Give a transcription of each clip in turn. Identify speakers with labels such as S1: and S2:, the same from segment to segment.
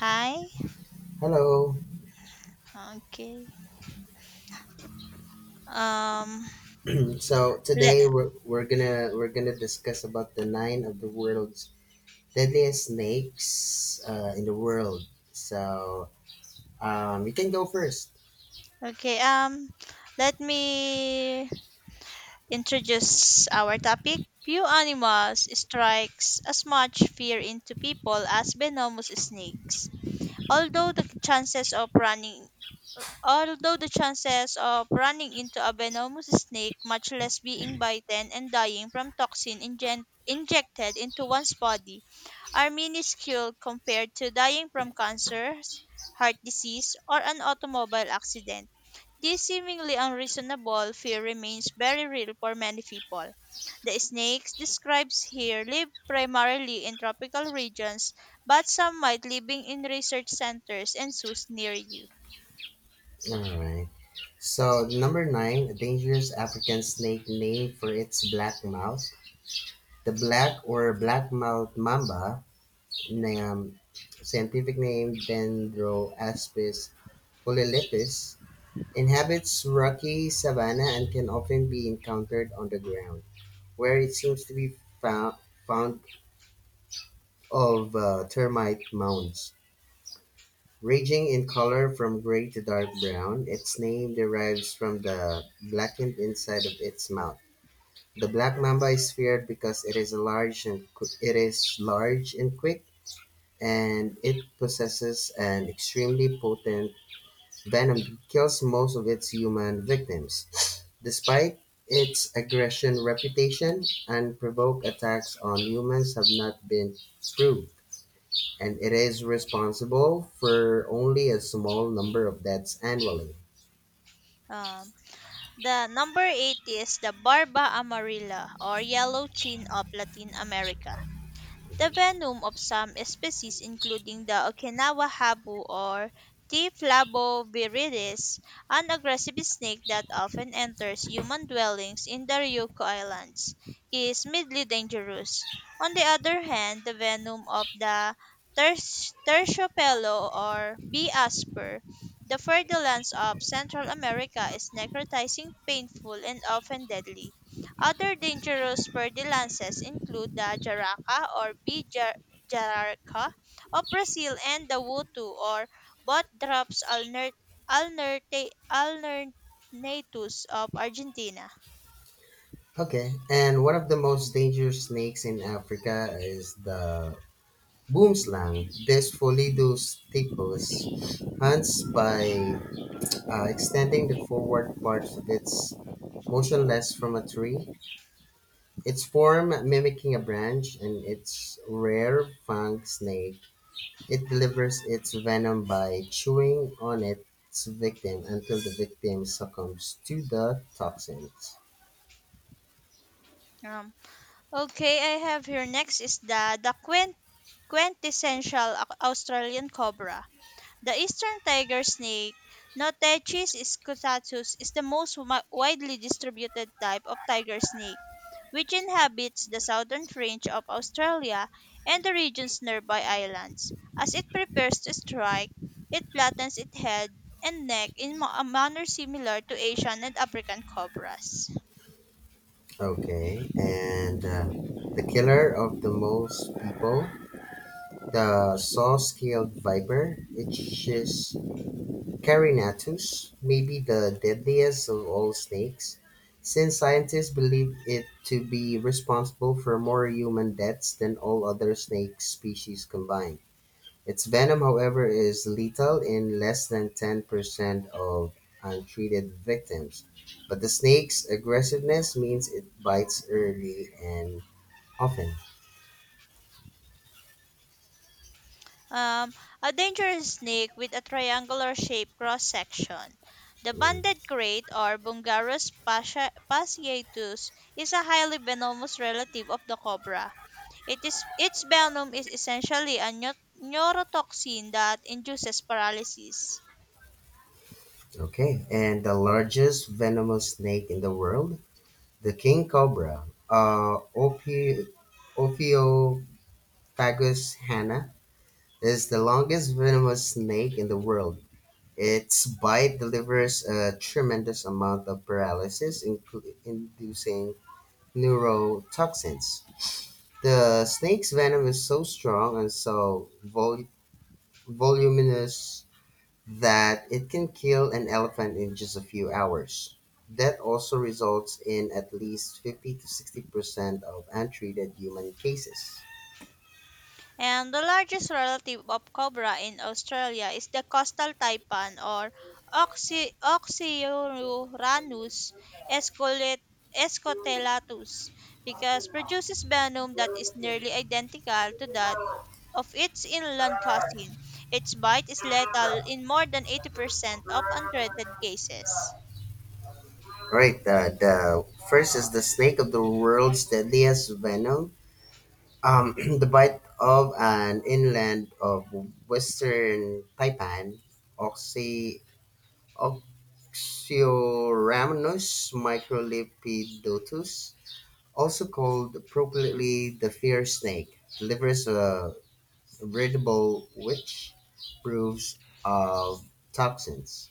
S1: Hi.
S2: Hello.
S1: Okay. Um.
S2: So
S1: Let,
S2: today we're gonna discuss about the nine of the world's deadliest snakes in the world. You can go first.
S1: okay. Um. Let me introduce our topic. Few animals strikes as much fear into people as venomous snakes. Although the chances of running, Although the chances of running into a venomous snake, much less being bitten and dying from injected into one's body, are minuscule compared to dying from cancer, heart disease, or an automobile accident. This seemingly unreasonable fear remains very real for many people. The snakes described here live primarily in tropical regions, but some might living in research centers and zoos near you.
S2: All right. So number nine, a dangerous African snake named for its black mouth. The black or black mouth mamba, um, scientific name Dendroaspis polylipis, inhabits rocky savanna and can often be encountered on the ground, where it seems to be found, found of termite mounds. Ranging in color from gray to dark brown, its name derives from the blackened inside of its mouth. The black mamba is feared because it is large and quick, and it possesses an extremely potent venom kills most of its human victims. Despite its aggression reputation, unprovoked attacks on humans have not been proved, and it is responsible for only a small number of deaths annually.
S1: Um, the number eight is the Barba amarilla or yellow chin of Latin America. The venom of some species, including the Okinawa habu or T. flavoviridis, an aggressive snake that often enters human dwellings in the Ryukyu Islands, is mildly dangerous. On the other hand, the venom of the ter- terciopelo or bee asper, the ferdinands of Central America, is necrotizing, painful, and often deadly. Other dangerous verdelances include the jararaca or jararaca of Brazil and the wutu or botdrops alnert- alternatus of Argentina.
S2: Okay, and one of the most dangerous snakes in Africa is the boomslang. This Folidus typus hunts by extending the forward parts of its motionless from a tree. Its form mimicking a branch and its rare fang snake, it delivers its venom by chewing on its victim until the victim succumbs to the toxins.
S1: Um, okay, I have here next is the quintessential Australian cobra. The eastern tiger snake, Notechis scutatus, is the most widely distributed type of tiger snake, which inhabits the southern fringe of Australia and the regions nearby islands. As it prepares to strike, it flattens its head and neck in a manner similar to Asian and African cobras.
S2: Okay, and the killer of the most people, the saw-scaled viper, it is "Carinatus" may be the deadliest of all snakes, since scientists believe it to be responsible for more human deaths than all other snake species combined. Its venom, however, is lethal in less than 10% of untreated victims, but the snake's aggressiveness means it bites early and often.
S1: Um, a dangerous snake with a triangular shaped cross section. The
S2: Mm.
S1: banded crate or Bungarus pasciatus is a highly venomous relative of the cobra. It is its venom is essentially a neurotoxin that induces paralysis.
S2: Okay, and the largest venomous snake in the world, the king cobra, or "Ophiophagus hana", is the longest venomous snake in the world. Its bite delivers a tremendous amount of inducing neurotoxins. The snake's venom is so strong and so voluminous that it can kill an elephant in just a few hours. That also results in at least 50 to 60% of untreated human cases.
S1: And the largest relative of cobra in Australia is the coastal taipan or Oxyuranus escolet- escotelatus because produces venom that is nearly identical to that of its inland cousin. Its bite is lethal in more than 80% of untreated cases.
S2: All right, the first is the snake of the world's deadliest venom. Um, the bite of an inland of western Taipan, Oxy, Oxyrhamnus microlipidotus, also called appropriately the fear snake, delivers a breathable which proves of toxins.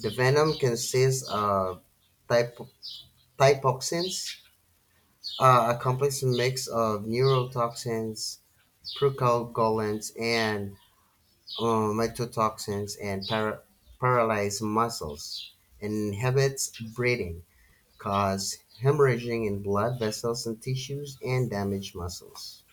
S2: The venom consists of typo- typoxins, a complex mix of neurotoxins, procoagulants, and uh, mycotoxins, and paralyze muscles. Inhibits breathing, cause hemorrhaging in blood vessels and tissues, and damage muscles.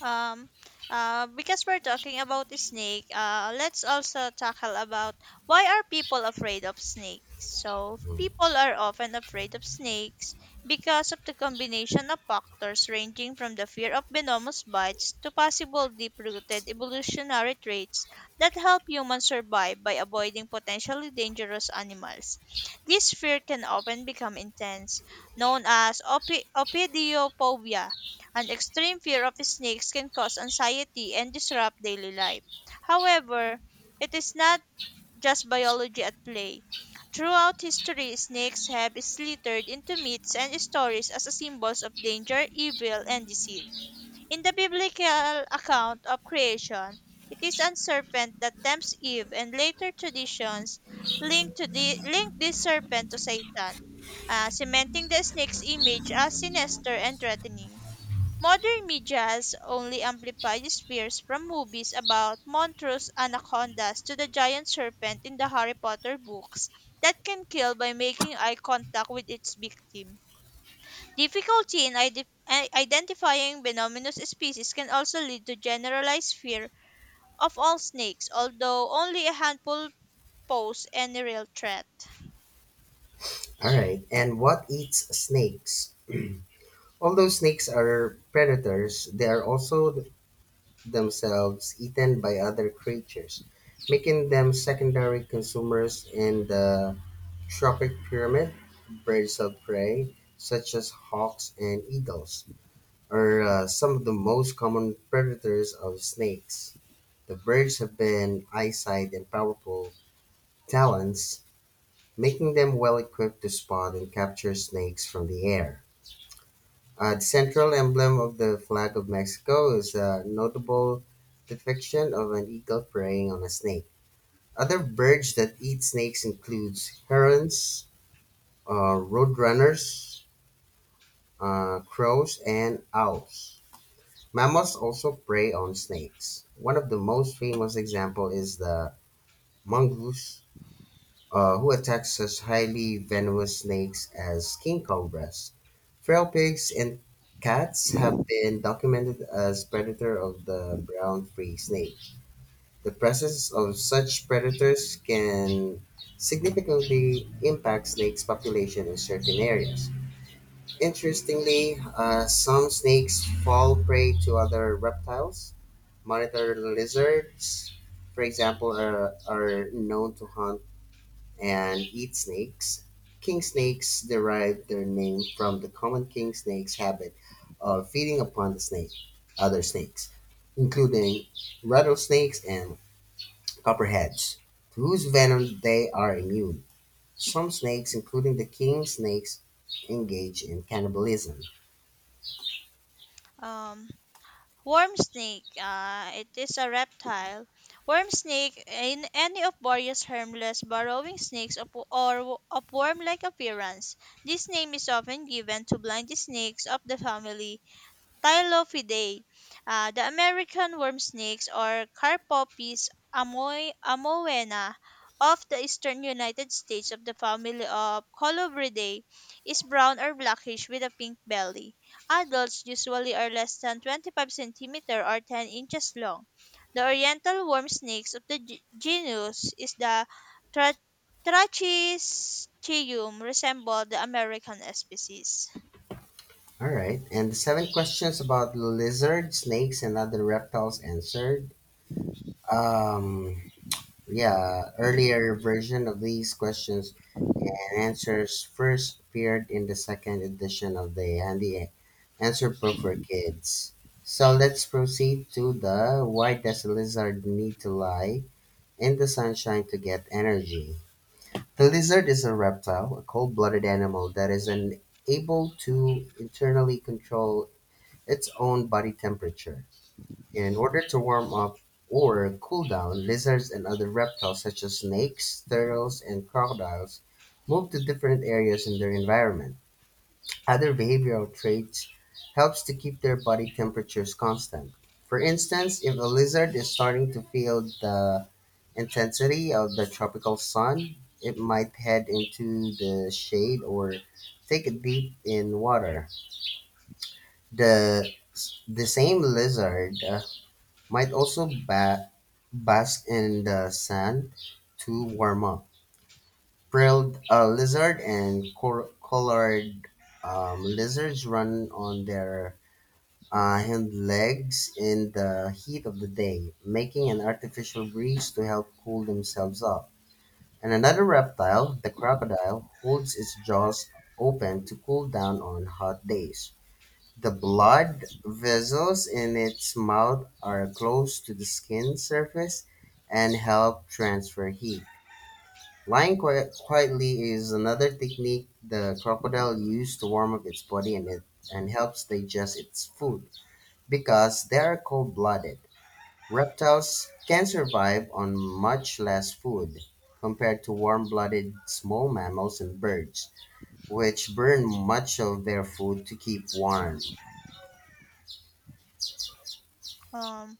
S1: Um, because we're talking about the snake, let's also tackle about why are people afraid of snakes? So
S2: Mhm.
S1: people are often afraid of snakes because of the combination of factors ranging from the fear of venomous bites to possible deep-rooted evolutionary traits that help humans survive by avoiding potentially dangerous animals. This fear can often become intense, known as opidophobia. An extreme fear of snakes can cause anxiety and disrupt daily life. However, it is not just biology at play. Throughout history, snakes have slithered into myths and stories as symbols of danger, evil, and deceit. In the biblical account of creation, it is a serpent that tempts Eve, and later traditions link this serpent to Satan, cementing the snake's image as sinister and threatening. Modern media's only amplified fears from movies about monstrous anacondas to the giant serpent in the Harry Potter books that can kill by making eye contact with its victim. Difficulty in identifying venomous species can also lead to generalized fear of all snakes, although only a handful pose any real threat.
S2: All right. And what eats snakes? Although snakes are predators, they are also themselves eaten by other creatures, making them secondary consumers in the tropic pyramid. Birds of prey such as hawks and eagles are some of the most common predators of snakes. The birds have been eyesight and powerful talons, making them well equipped to spot and capture snakes from the air. The central emblem of the flag of Mexico is a notable depiction of an eagle preying on a snake. Other birds that eat snakes includes herons, roadrunners, crows, and owls. Mammals also prey on snakes. One of the most famous example is the mongoose, who attacks such highly venomous snakes as king cobras. Feral pigs and cats have been documented as predator of the brown free snake. The presence of such predators can significantly impact snakes population in certain areas. Interestingly, some snakes fall prey to other reptiles. Monitor lizards, for example, are known to hunt and eat snakes. King snakes derive their name from the common king snake's habit of feeding upon other snakes, including rattlesnakes and copperheads, to whose venom they are immune. Some snakes, including the king snakes, engage in cannibalism.
S1: Um, Worm snake, it is a reptile. Worm snake, in any of various harmless burrowing or of worm-like appearance. This name is often given to blind snakes of the family Ptylopidae. The American worm snakes or Carpopis amoena of the eastern United States of the family of Colubridae is brown or blackish with a pink belly. Adults usually are less than 25 centimeter or 10 inches long. The oriental worm snakes of the genus is the tra- Trachysteum resemble the American species.
S2: All right, and the seven questions about lizards, snakes, and other reptiles answered. Um, yeah, earlier version of these questions answers first appeared in the second edition of the Handy Answer Book for Kids. So let's proceed to the Why Does a Lizard Need to Lie in the Sunshine to Get Energy? The lizard is a reptile, a cold blooded animal that is unable to internally control its own body temperature. In order to warm up or cool down, lizards and other reptiles such as snakes, turtles, and crocodiles move to different areas in their environment. Other behavioral traits helps to keep their body temperatures constant. For instance, if a lizard is starting to feel the intensity of the tropical sun, it might head into the shade or take a dip in water. The the same lizard might also bask in the sand to warm up. Prilled lizard and colored lizards run on their hind legs in the heat of the day, making an artificial breeze to help cool themselves off. And another reptile, the crocodile, holds its jaws open to cool down on hot days. The blood vessels in its mouth are close to the skin surface and help transfer heat. Lying quietly is another technique the crocodile uses to warm up its body, and helps digest its food. Because they are cold blooded, reptiles can survive on much less food compared to warm blooded small mammals and birds, which burn much of their food to keep warm.
S1: Um,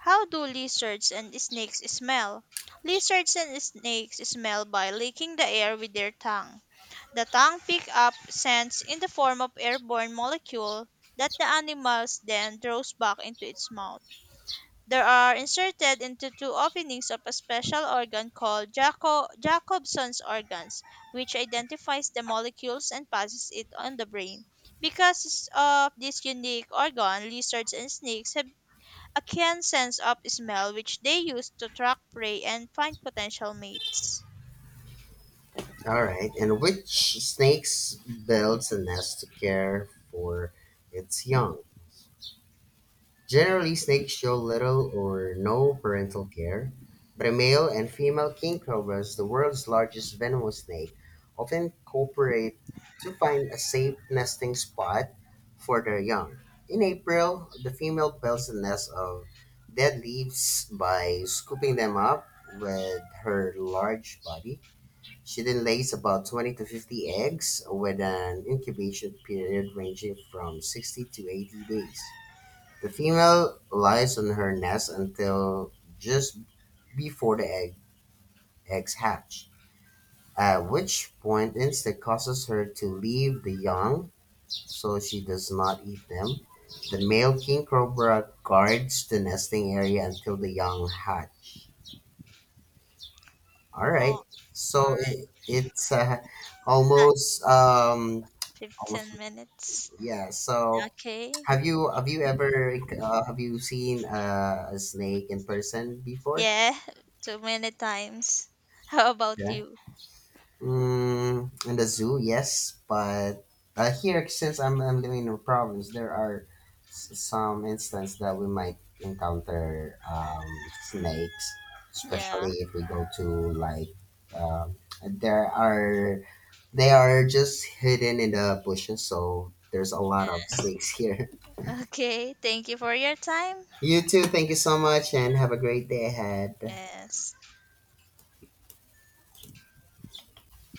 S1: how do lizards and snakes smell? Lizards and snakes smell by licking the air with their tongue. The tongue picks up scents in the form of airborne molecule that the animals then throws back into its mouth. They are inserted into two openings of a special organ called Jacobson's organs, which identifies the molecules and passes it on the brain. Because of this unique organ, lizards and snakes have a keen sense of smell which they use to track prey and find potential mates.
S2: All right. And which snakes builds a nest to care for its young? Generally, snakes show little or no parental care, but a male and female king cobras, the world's largest venomous snake, often cooperate to find a safe nesting spot for their young. In April, the female builds a nest of dead leaves by scooping them up with her large body. She then lays about 20 to 50 eggs with an incubation period ranging from 60 to 80 days. The female lies on her nest until just before eggs hatch, at which point instinct causes her to leave the young so she does not eat them. The male king cobra guards the nesting area until the young hatch. All right,
S1: Oh, all
S2: so
S1: right,
S2: it's
S1: not
S2: almost,
S1: 15
S2: almost,
S1: minutes.
S2: yeah. So,
S1: Okay.
S2: have you ever have you seen a snake in person before?
S1: Yeah, too many times. How about
S2: Yeah.
S1: you?
S2: Mm, in the zoo, yes, but here since I'm living in the province, there are some instances that we might encounter snakes,
S1: Yeah.
S2: especially if we go to like, um, there are they are just hidden in the bushes, so there's a lot of
S1: Yes.
S2: snakes here.
S1: Okay, thank you for your time.
S2: You too. Thank you so much, and have a great day ahead.
S1: Yes.